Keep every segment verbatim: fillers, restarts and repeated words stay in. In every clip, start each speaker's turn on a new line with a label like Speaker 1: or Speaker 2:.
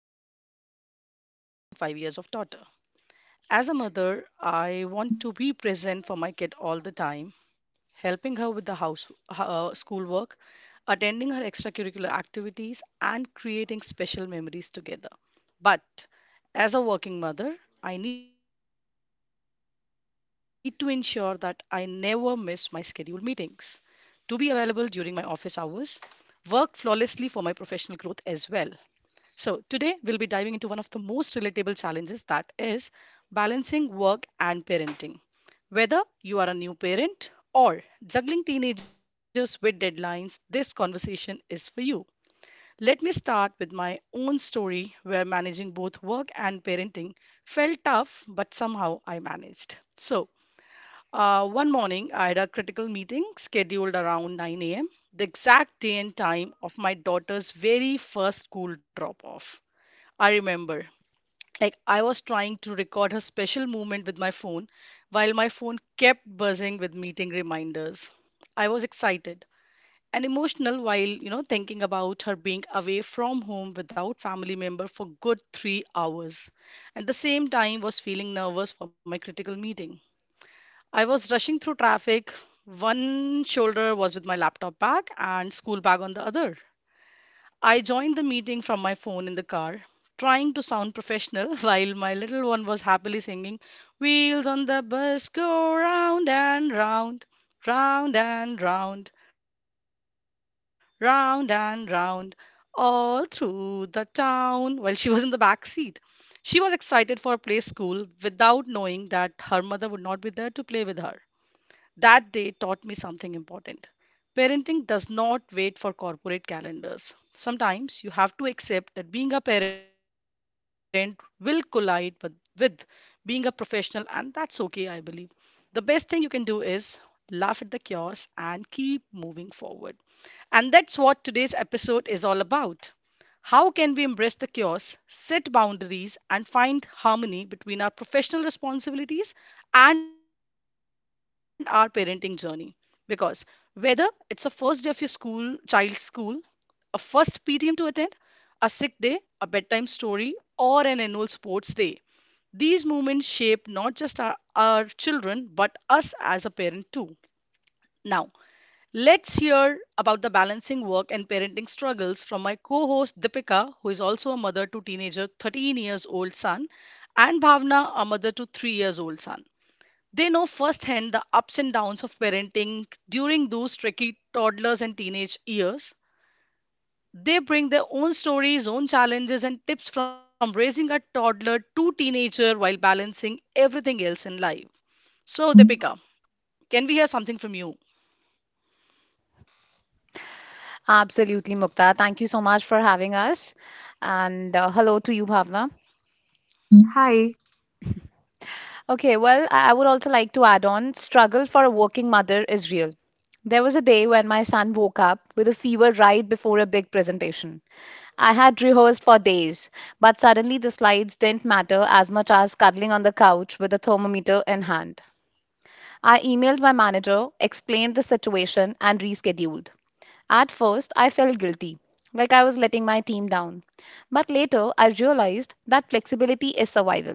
Speaker 1: and I'm a mother to three point five years of daughter. As a mother, I want to be present for my kid all the time, helping her with the house uh, schoolwork, attending her extracurricular activities and creating special memories together. But as a working mother, I need to ensure that I never miss my scheduled meetings, to be available during my office hours, work flawlessly for my professional growth as well. So, today we'll be diving into one of the most relatable challenges that is balancing work and parenting. Whether you are a new parent or juggling teenagers with deadlines, this conversation is for you. Let me start with my own story where managing both work and parenting felt tough, but somehow I managed. So, uh, one morning, I had a critical meeting scheduled around nine a m, the exact day and time of my daughter's very first school drop off. I remember, like, I was trying to record her special movement with my phone while my phone kept buzzing with meeting reminders. I was excited and emotional while, you know, thinking about her being away from home without family member for good three hours. At the same time was feeling nervous for my critical meeting. I was rushing through traffic. One shoulder was with my laptop bag and school bag on the other. I joined the meeting from my phone in the car, trying to sound professional while my little one was happily singing, Wheels on the bus go round and round, round and round, round and round, all through the town, while she was in the back seat. She was excited for a play school without knowing that her mother would not be there to play with her. That day taught me something important. Parenting does not wait for corporate calendars. Sometimes you have to accept that being a parent will collide with, with being a professional, and that's okay, I believe. The best thing you can do is laugh at the chaos and keep moving forward. And that's what today's episode is all about. How can we embrace the chaos, set boundaries, and find harmony between our professional responsibilities and our parenting journey? Because whether it's a first day of your school child's school, a first ptm to attend, a sick day, a bedtime story or an annual sports day, these moments shape not just our, our children but us as a parent too. Now let's hear about the balancing work and parenting struggles from my co-host Deepika, who is also a mother to teenager thirteen years old son, and Bhavna, a mother to three years old son. They know firsthand the ups and downs of parenting during those tricky toddlers and teenage years. They bring their own stories, own challenges, and tips from raising a toddler to teenager while balancing everything else in life. So, Deepika, can we hear something from you?
Speaker 2: Absolutely, Mukta. Thank you so much for having us. And uh, Hello to you, Bhavna.
Speaker 3: Hi,
Speaker 2: Okay, well, I I would also like to add on struggle for a working mother is real. There was a day when my son woke up with a fever right before a big presentation. I had rehearsed for days, but suddenly the slides didn't matter as much as cuddling on the couch with a thermometer in hand. I emailed my manager, explained the situation, and rescheduled. At first, I felt guilty, like I was letting my team down. But later, I realized that flexibility is survival.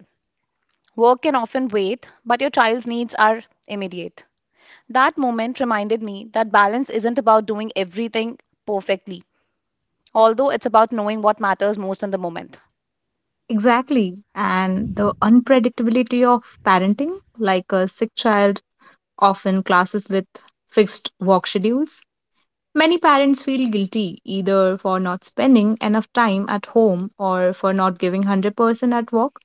Speaker 2: Work can often wait, but your child's needs are immediate. That moment reminded me that balance isn't about doing everything perfectly, although it's about knowing what matters most in the moment.
Speaker 3: exactly. And the unpredictability of parenting, like a sick child often classes with fixed work schedules. Many parents feel guilty either for not spending enough time at home or for not giving one hundred percent at work.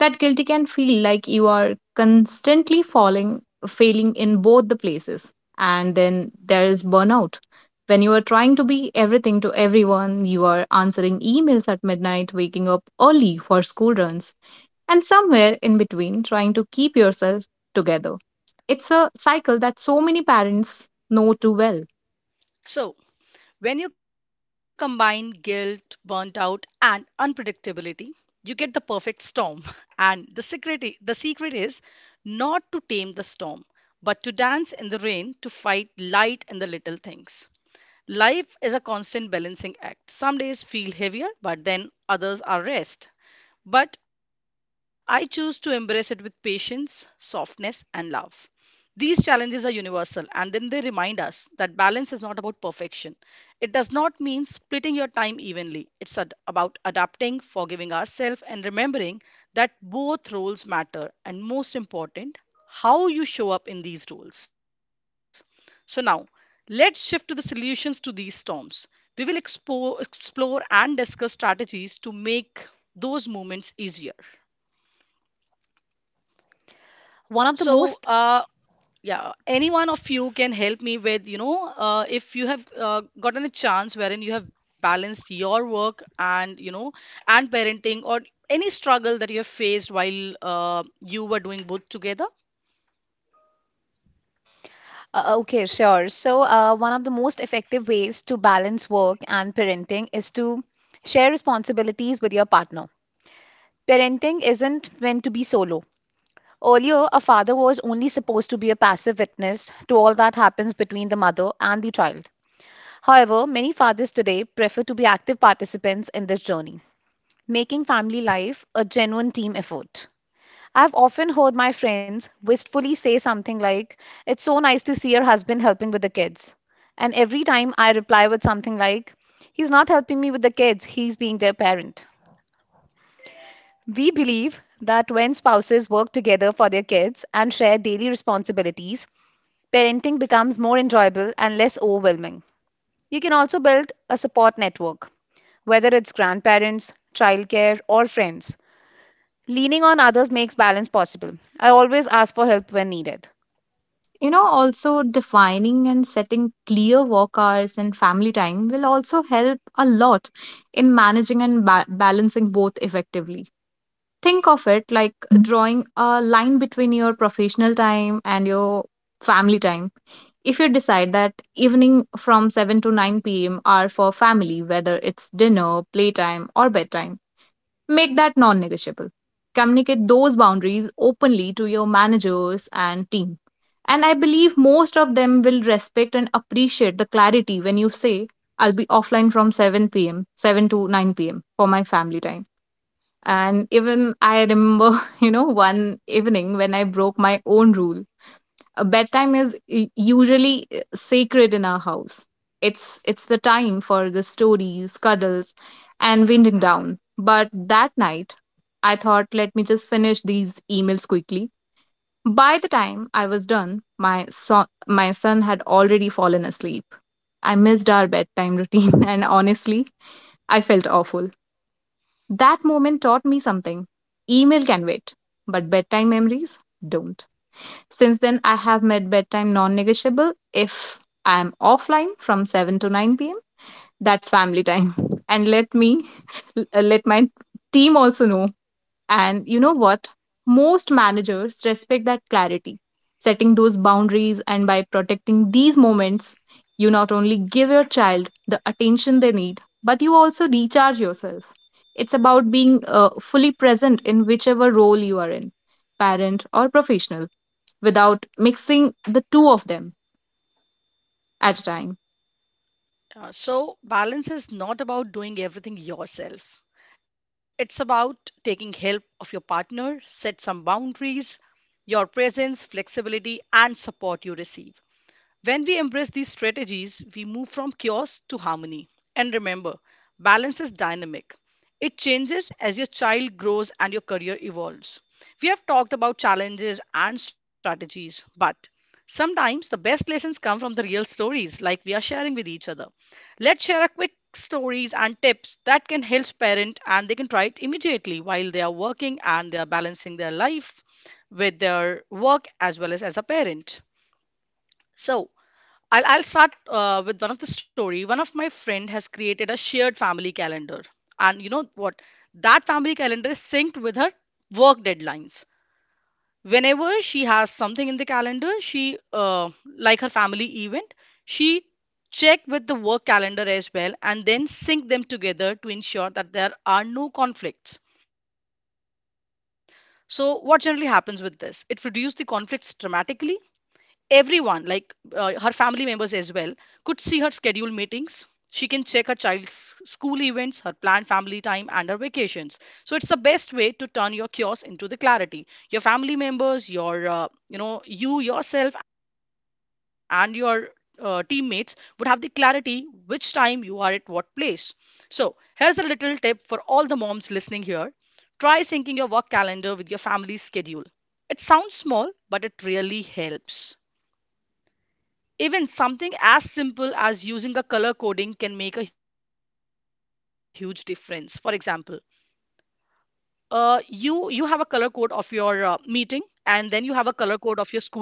Speaker 3: That guilty can feel like you are constantly falling failing in both the places. And then there is burnout when you are trying to be everything to everyone. You are answering emails at midnight, waking up early for school runs, and somewhere in between trying to keep yourself together. It's a cycle that so many parents know too well.
Speaker 1: So, when you combine guilt, burnt out, and unpredictability, you get the perfect storm. And the secret, i- the secret is not to tame the storm, but to dance in the rain, to fight light in the little things. Life is a constant balancing act. Some days feel heavier, but then others are rest. But I choose to embrace it with patience, softness, and love. These challenges are universal, and then they remind us that balance is not about perfection. It does not mean splitting your time evenly. It's ad- about adapting, forgiving ourselves, and remembering that both roles matter, and most important, how you show up in these roles. So now, let's shift to the solutions to these storms. We will expo- explore and discuss strategies to make those moments easier.
Speaker 2: One of the
Speaker 1: So,
Speaker 2: most
Speaker 1: uh, yeah, any one of you can help me with, you know, uh, if you have uh, gotten a chance wherein you have balanced your work and, you know, and parenting or any struggle that you have faced while uh, you were doing both together.
Speaker 2: uh, uh, Okay, sure. So, uh, one of the most effective ways to balance work and parenting is to share responsibilities with your partner. Parenting isn't meant to be solo. Earlier, a father was only supposed to be a passive witness to all that happens between the mother and the child. However, many fathers today prefer to be active participants in this journey, making family life a genuine team effort. I've often heard my friends wistfully say something like, "It's so nice to see your husband helping with the kids." And every time I reply with something like, "He's not helping me with the kids, he's being their parent." We believe that when spouses work together for their kids and share daily responsibilities, parenting becomes more enjoyable and less overwhelming. You can also build a support network, whether it's grandparents, childcare, or friends. Leaning on others makes balance possible. I always ask for help when needed.
Speaker 3: You know, also defining and setting clear work hours and family time will also help a lot in managing and ba- balancing both effectively. Think of it like drawing a line between your professional time and your family time. If you decide that evening from seven to nine p m are for family, whether it's dinner, playtime, or bedtime, make that non negotiable. Communicate those boundaries openly to your managers and team. And I believe most of them will respect and appreciate the clarity when you say, I'll be offline from seven p m, seven to nine p m for my family time. And even I remember, you know, one evening when I broke my own rule, a bedtime is u- usually uh, sacred in our house. It's it's the time for the stories, cuddles, and winding down. But that night, I thought, let me just finish these emails quickly. By the time I was done, my son my son had already fallen asleep. I missed our bedtime routine, and honestly, I felt awful. That moment taught me something. Email can wait, but bedtime memories don't. Since then, I have made bedtime non negotiable. If I'm offline from seven to nine p m, that's family time. And let me uh, let my team also know. And you know what? Most managers respect that clarity. Setting those boundaries and by protecting these moments, you not only give your child the attention they need, but you also recharge yourself. It's about being uh, fully present in whichever role you are in, parent or professional, without mixing the two of them at a time.
Speaker 1: Uh, so, balance is not about doing everything yourself. It's about taking help of your partner, set some boundaries, your presence, flexibility, and support you receive. When we embrace these strategies, we move from chaos to harmony. And remember, balance is dynamic. It changes as your child grows and your career evolves. We have talked about challenges and strategies, but sometimes the best lessons come from the real stories like we are sharing with each other. Let's share a quick stories and tips that can help parent and they can try it immediately while they are working and they are balancing their life with their work as well as as a parent. So, I'll, I'll start uh, with one of the story. One of my friend has created a shared family calendar, and you know what? That family calendar is synced with her work deadlines. Whenever she has something in the calendar, she uh, like her family event, she check with the work calendar as well, and then sync them together to ensure that there are no conflicts. So, what generally happens with this? It reduces the conflicts dramatically. Everyone, like uh, her family members as well, could see her scheduled meetings. She can check her child's school events, her planned family time and her vacations. So it's the best way to turn your chaos into the clarity. Your family members, your uh, you know, you yourself and your uh, teammates would have the clarity which time you are at what place. So here's a little tip for all the moms listening here. Try syncing your work calendar with your family's schedule. It sounds small, but it really helps. Even something as simple as using a color coding can make a huge difference. For example, uh, you you have a color code of your uh, meeting, and then you have a color code of your school event of your child.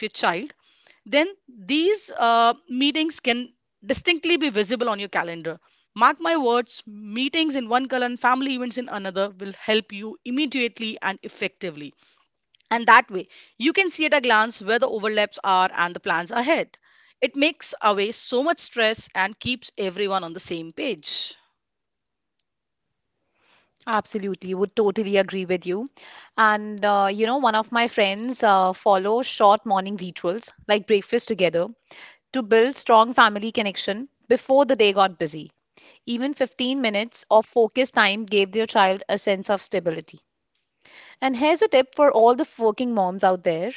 Speaker 1: Then these uh, meetings can distinctly be visible on your calendar. Mark my words, meetings in one color and family events in another will help you immediately and effectively. And that way, you can see at a glance where the overlaps are and the plans ahead. It makes away so much stress and keeps everyone on the same page.
Speaker 2: Absolutely, would totally agree with you. And uh, you know, one of my friends uh, follow short morning rituals like breakfast together to build strong family connection before the day got busy. Even fifteen minutes of focused time gave their child a sense of stability. And here's a tip for all the working moms out there,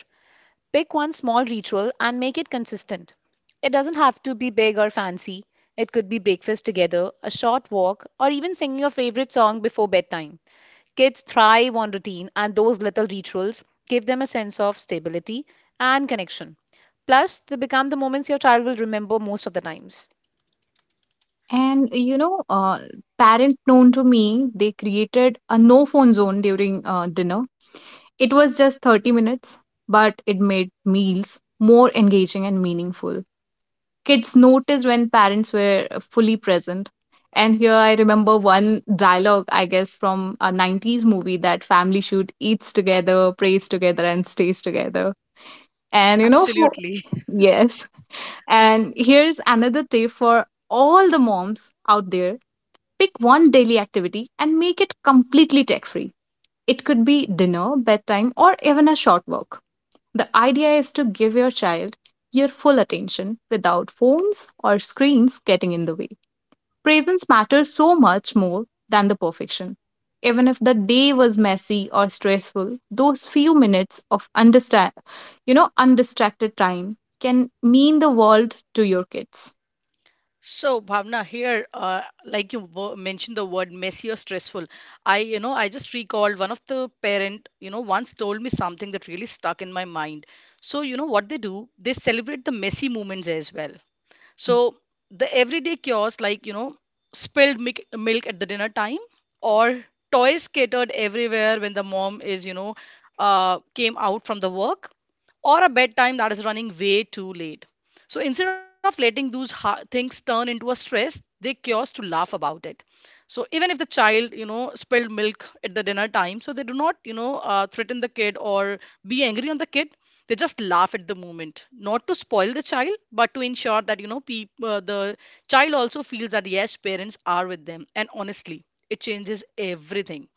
Speaker 2: pick one small ritual and make it consistent. It doesn't have to be big or fancy, it could be breakfast together, a short walk, or even singing your favorite song before bedtime. Kids thrive on routine, and those little rituals give them a sense of stability and connection. Plus, they become the moments your child will remember most of the times.
Speaker 3: And you know, uh, parents known to me, they created a no phone zone during uh, dinner. It was just thirty minutes, but it made meals more engaging and meaningful. Kids noticed when parents were fully present. And here I remember one dialogue, I guess, from a nineties movie that family should eats together, prays together, and stays together. And you know, for,
Speaker 1: Absolutely.
Speaker 3: yes, and here's another tip for all the moms out there, pick one daily activity and make it completely tech free. It could be dinner, bedtime, or even a short walk. The idea is to give your child your full attention without phones or screens getting in the way. Presence matters so much more than the perfection. Even if the day was messy or stressful, those few minutes of understand, you know, undistracted time can mean the world to your kids.
Speaker 1: So, Bhavna, here, uh, like you wo- mentioned the word messy or stressful, I, you know, I just recalled one of the parent, you know, once told me something that really stuck in my mind. So, you know what they do? They celebrate the messy moments as well. So the everyday chores like, you know, spilled milk, milk at the dinner time, or toys scattered everywhere when the mom is, you know, uh, came out from the work, or a bedtime that is running way too late. So instead of letting those ha- things turn into a stress, they cures to laugh about it. So even if the child, you know, spilled milk at the dinner time, so they do not, you know, uh, threaten the kid or be angry on the kid. They just laugh at the moment not to spoil the child but to ensure that you know, peop- uh, the child also feels that yes, parents are with them. And honestly, it changes everything.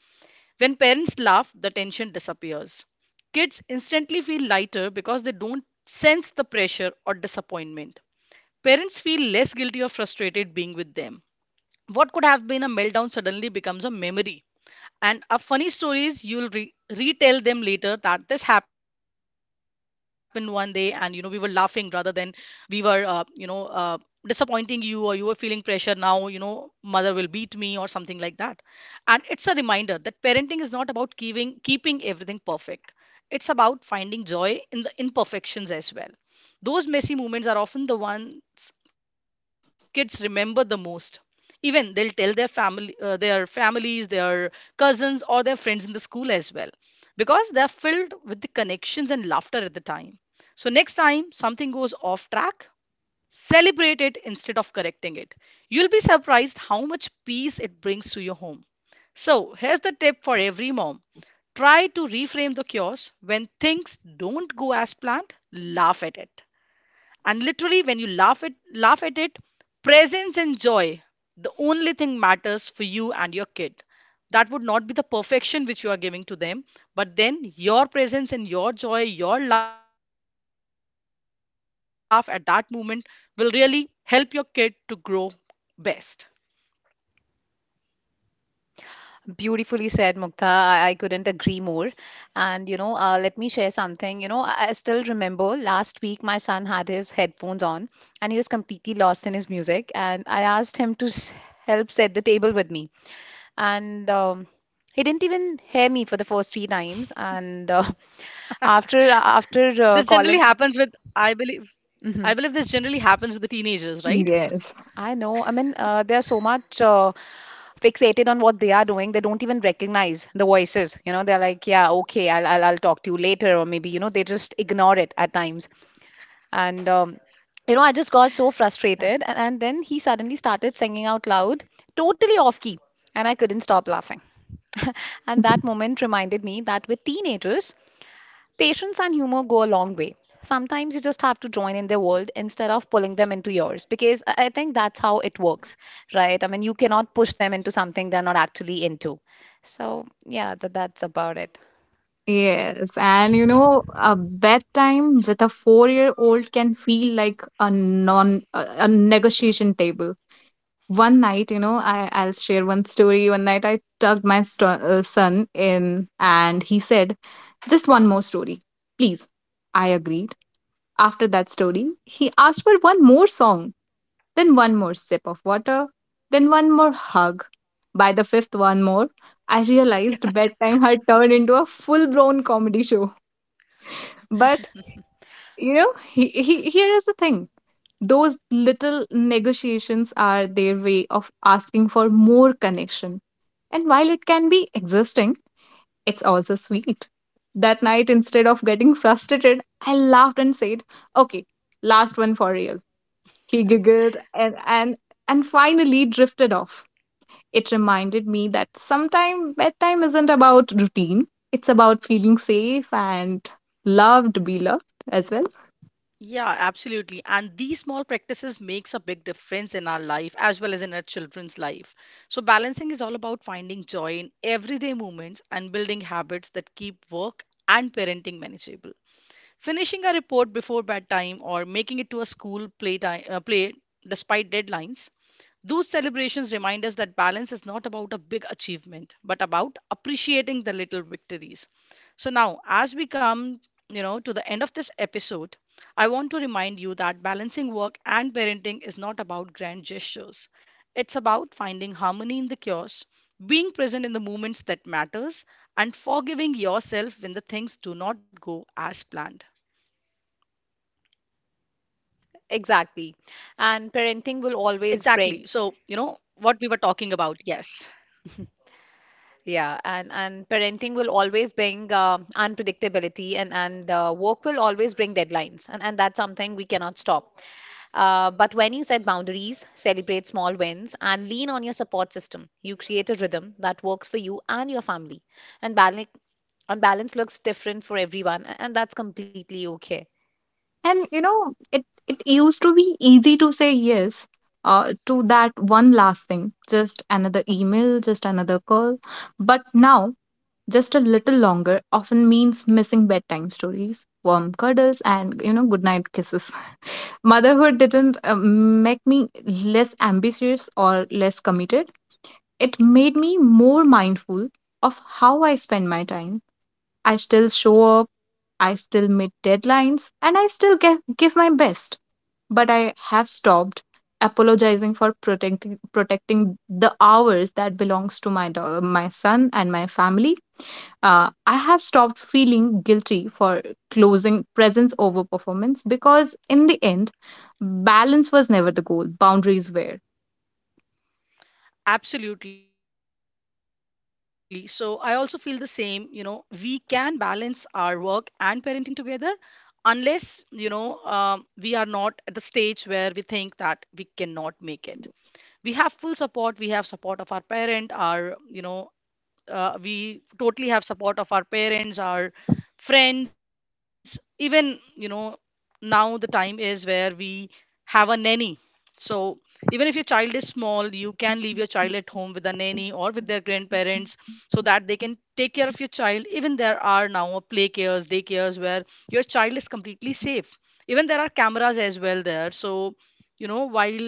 Speaker 1: When parents laugh, the tension disappears. Kids instantly feel lighter because they don't sense the pressure or disappointment. Parents feel less guilty or frustrated being with them. What could have been a meltdown suddenly becomes a memory and uh, funny stories you'll re- retell them later, that this happened one day and you know we were laughing rather than we were uh, you know uh, disappointing you, or you were feeling pressure, now you know mother will beat me or something like that. And it's a reminder that parenting is not about keeping keeping everything perfect. It's about finding joy in the imperfections as well. Those messy moments are often the ones kids remember the most. Even they'll tell their family, uh, their families, their cousins or their friends in the school as well, because they're filled with the connections and laughter at the time. So, next time something goes off track, celebrate it instead of correcting it. You'll be surprised how much peace it brings to your home. So, here's the tip for every mom. Try to reframe the chaos. When things don't go as planned, laugh at it, and literally when you laugh at laugh at it, presence and joy the only thing matters for you and your kid. That would not be the perfection which you are giving to them, but then your presence and your joy, your laugh at that moment, will really help your kid to grow best.
Speaker 2: Beautifully said, Mukta. I, I couldn't agree more. And, you know, uh, let me share something. You know, I, I still remember last week my son had his headphones on and he was completely lost in his music. And I asked him to s- help set the table with me. And um, He didn't even hear me for the first three times. And uh, after
Speaker 1: This generally
Speaker 2: after uh,
Speaker 1: happens with
Speaker 2: calling,
Speaker 1: i believe i believe this
Speaker 2: mm-hmm,
Speaker 1: generally happens with the teenagers, right?
Speaker 3: Yes.
Speaker 2: I know. I mean, uh, they're so much uh, fixated on what they are doing, they don't even recognize the voices. You know, they're like, yeah, okay, I'll, I'll, I'll talk to you later, or maybe, you know, they just ignore it at times. And, um, you know, I just got so frustrated. And, and then he suddenly started singing out loud, totally off key. And I couldn't stop laughing. And that moment reminded me that with teenagers, patience and humor go a long way. Sometimes you just have to join in their world instead of pulling them into yours, because I I think that's how it works, right? I mean, you cannot push them into something they're not actually into. So, yeah, that, that's about it.
Speaker 3: Yes, and you know, a bedtime with a four-year-old can feel like a non a, a negotiation table. One night, you know, I I'll share one story. One night, I tucked my sto uh, son in, and he said, "Just one more story, please." I agreed. After that story, he asked for one more song, then one more sip of water, then one more hug. By the fifth one more, I realized bedtime had turned into a full blown comedy show. But, you know, he, he, here is the thing, those little negotiations are their way of asking for more connection. And while it can be existing, it's also sweet. That night, instead of getting frustrated, I laughed and said, okay, last one for real. He giggled and, and, and finally drifted off. It reminded me that sometimes bedtime isn't about routine, it's about feeling safe and loved, be loved as well.
Speaker 1: Yeah, absolutely. And these small practices makes a big difference in our life as well as in our children's life. So balancing is all about finding joy in everyday moments and building habits that keep work and parenting manageable. Finishing a report before bedtime or making it to a school playtime, uh, play despite deadlines, those celebrations remind us that balance is not about a big achievement, but about appreciating the little victories. So now, as we come, you know, to the end of this episode, I want to remind you that balancing work and parenting is not about grand gestures. It's about finding harmony in the chaos, being present in the moments that matters, and forgiving yourself when the things do not go as planned.
Speaker 2: Exactly.
Speaker 1: Exactly.
Speaker 2: And
Speaker 1: So, you
Speaker 2: parenting
Speaker 1: know,
Speaker 2: will
Speaker 1: what
Speaker 2: always
Speaker 1: we were
Speaker 2: bring
Speaker 1: talking about, yes.
Speaker 2: yeah, and and parenting will always bring uh, unpredictability, and and uh, work will always bring deadlines, and and that's something we cannot stop. Uh, but when you set boundaries, celebrate small wins, and lean on your support system, you create a rhythm that works for you and your family. And balance and balance looks different for everyone, a- and that's completely okay.
Speaker 3: And you know, it, it used to be easy to say yes uh, to that one last thing, just another email, just another call. But now, just a little longer often means missing bedtime stories, warm cuddles, and you know, goodnight kisses. Motherhood didn't uh, make me less ambitious or less committed. It made me more mindful of how I spend my time. I still show up, I still meet deadlines, and I still get, give my best. But I have stopped apologizing for protecting protecting the hours that belongs to my dog, my son and my family. Uh, I have stopped feeling guilty for closing presence over performance, because in the end, balance was never the goal. Boundaries were.
Speaker 1: Absolutely. So, I also feel the same. You know, we can balance our work and parenting together unless, you know, um we are not at the stage where we think that we cannot make it. We have full support, we have support of our parent, our, you know, uh, we totally have support of our parents, our friends, even, you know, now the time is where we have a nanny. So even if your child is small, you can leave your child at home with a nanny or with their grandparents so that they can take care of your child. Even there are now a play cares, day cares where your child is completely safe. Even there are cameras as well there, so, you know, while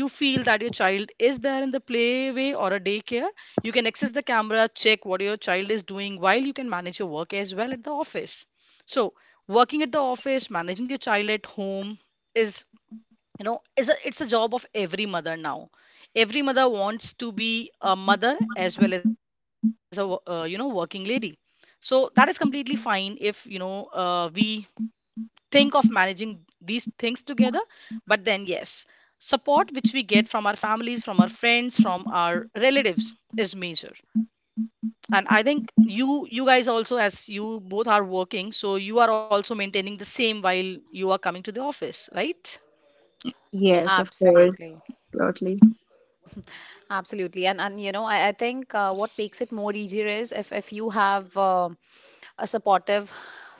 Speaker 1: you feel that your child is there in the play way or a daycare, you can access the camera, check what your child is doing while you can manage your work as well at the office. So, working at the office, managing your child at home is, you know, is a, it's a job of every mother now. Every mother wants to be a mother as well as a, wo- uh, you know, working lady. So, that is completely fine if, you know, uh, we think of managing these things together. But then, yes, support which we get from our families, from our friends, from our relatives is major. And I think you you guys also, as you both are working, so you are also maintaining the same while you are coming to the office, right?
Speaker 3: Yes, of course,
Speaker 2: Absolutely.
Speaker 3: totally.
Speaker 2: Absolutely. And and you know, I, I think uh, what makes it more easier is if if you have uh, a supportive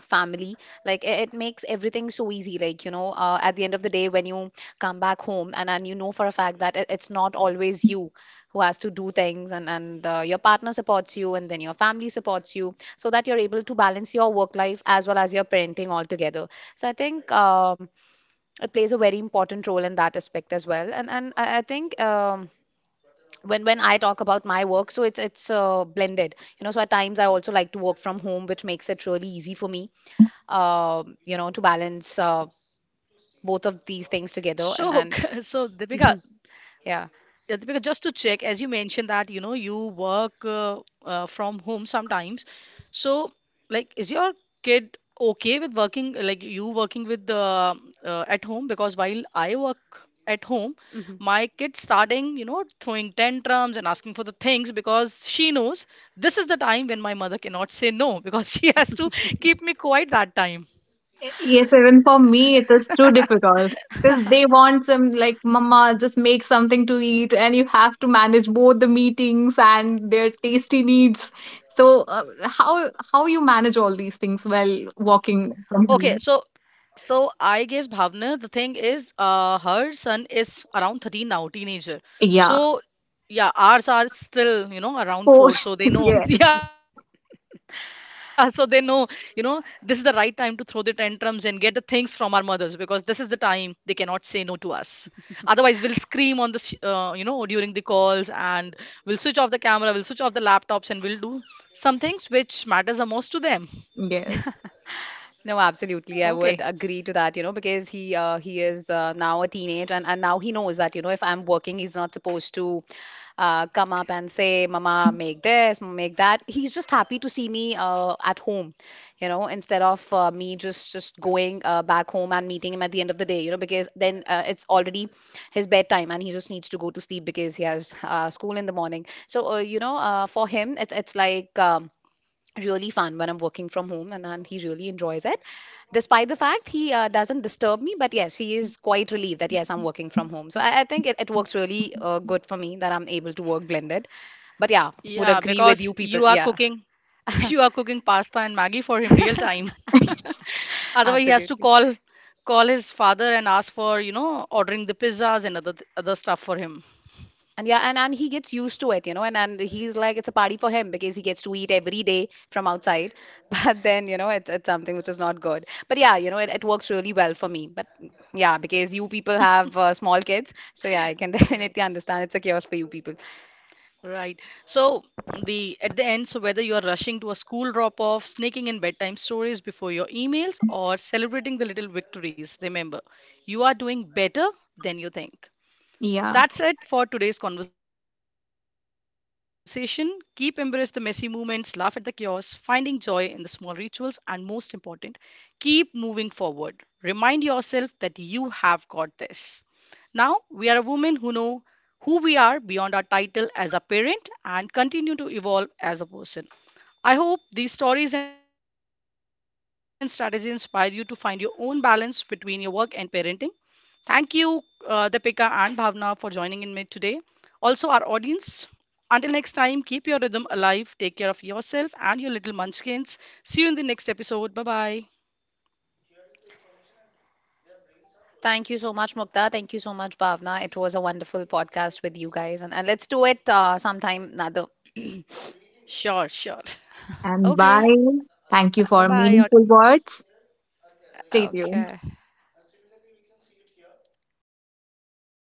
Speaker 2: family, like it, it makes everything so easy. Like, you know, uh, at the end of the day, when you come back home and, and you know for a fact that it, it's not always you who has to do things and, and uh, your partner supports you and then your family supports you so that you're able to balance your work life as well as your parenting altogether. So I think um, it plays a very important role in that aspect as well. And and I, I think um, when when I talk about my work, so it's it's uh, blended, you know. So at times I also like to work from home, which makes it really easy for me, uh, you know, to balance uh, both of these
Speaker 1: So,
Speaker 2: things together. And
Speaker 1: so
Speaker 2: and
Speaker 1: Deepika, yeah,
Speaker 2: yeah.
Speaker 1: because just to check, as you mentioned that you know you work uh, uh, from home sometimes, so like is your kid okay with working, like you working with the uh, at home? Because while I work at home,
Speaker 2: Mm-hmm.
Speaker 1: my kid starting, you know, throwing tantrums and asking for the things because she knows this is the time when my mother cannot say no, because she has to keep me quiet that time.
Speaker 3: Yes, even for me, it is too difficult because they want some like, Mama, just make something to eat, and you have to manage both the meetings and their tasty needs. So, uh, how how you manage all these things while walking
Speaker 1: Okay,
Speaker 3: from
Speaker 1: so,
Speaker 3: home?
Speaker 1: so I guess Bhavna, the thing is, uh, her son is around thirteen now, teenager. So
Speaker 3: Yeah.
Speaker 1: yeah, ours are still, you know, around
Speaker 3: Oh,
Speaker 1: four. So they know,
Speaker 3: yes,
Speaker 1: yeah, so they know, you know, this is the right time to throw the tantrums and get the things from our mothers because this is the time they cannot say no to us. Otherwise, we'll scream on the, sh- uh, you know, during the calls and we'll switch off the camera, we'll switch off the laptops and we'll do some things which matters the most to them.
Speaker 3: yes,
Speaker 2: No,
Speaker 1: Okay.
Speaker 2: absolutely. I would agree to that, you know, because he uh, he is uh, now a teenage and, and now he knows that, you know, if I'm working, he's not supposed to uh, come up and say, "Mama, make this, Mama, make that." He's just happy to see me uh, at home, you know, instead of uh, me just just going uh, back home and meeting him at the end of the day, you know, because then uh, it's already his bedtime and he just needs to go to sleep because he has uh, school in the morning. So, uh, you know, uh, for him, it's it's like um really fun when I'm working from home, and, and he really enjoys it. Despite the fact he uh, doesn't disturb me, but yes, he is quite relieved that yes, I'm working from home. So I, I think it, it works really uh, good for me that I'm able to work blended. But yeah, would
Speaker 1: Yeah,
Speaker 2: agree with
Speaker 1: because
Speaker 2: you people.
Speaker 1: you are
Speaker 2: Yeah,
Speaker 1: cooking. You are cooking pasta and Maggie for him real time. Otherwise, he has to
Speaker 2: absolutely.
Speaker 1: call call his father and ask for, you know, ordering the pizzas and other other stuff for him.
Speaker 2: And yeah, and, and he gets used to it, you know, and, and he's like, it's a party for him because he gets to eat every day from outside. But then, you know, it's, it's something which is not good. But yeah, you know, it, it works really well for me. But yeah, because you people have uh, small kids. So yeah, I can
Speaker 1: Right.
Speaker 2: definitely understand it's a chaos for you people.
Speaker 1: Right. So the at the end, so whether you are rushing to a school drop-off, sneaking in bedtime stories before your emails, or celebrating the little victories, remember, you are doing better than you think.
Speaker 3: yeah.
Speaker 1: That's it for today's conversation. Keep embrace the messy moments, laugh at the chaos, finding joy in the small rituals, and most important, keep moving forward. Remind yourself that you have got this. Now, we are a woman who know who we are beyond our title as a parent and continue to evolve as a person. I hope these stories and strategies inspire you to find your own balance between your work and parenting. Thank you, uh, Deepika and Bhavna, for joining in me today. Also, our audience, until next time, keep your rhythm alive. Take care of yourself and your little munchkins. See you in the next episode. Bye bye.
Speaker 2: Thank you so much, Mukta. Thank you so much, Bhavna. It was a wonderful podcast with you guys. And, and let's do it uh, sometime another.
Speaker 1: Sure, sure.
Speaker 3: And
Speaker 1: Okay.
Speaker 3: bye. Thank you
Speaker 1: Bye
Speaker 3: for
Speaker 1: bye.
Speaker 3: meaningful words. Stay tuned.
Speaker 2: Okay.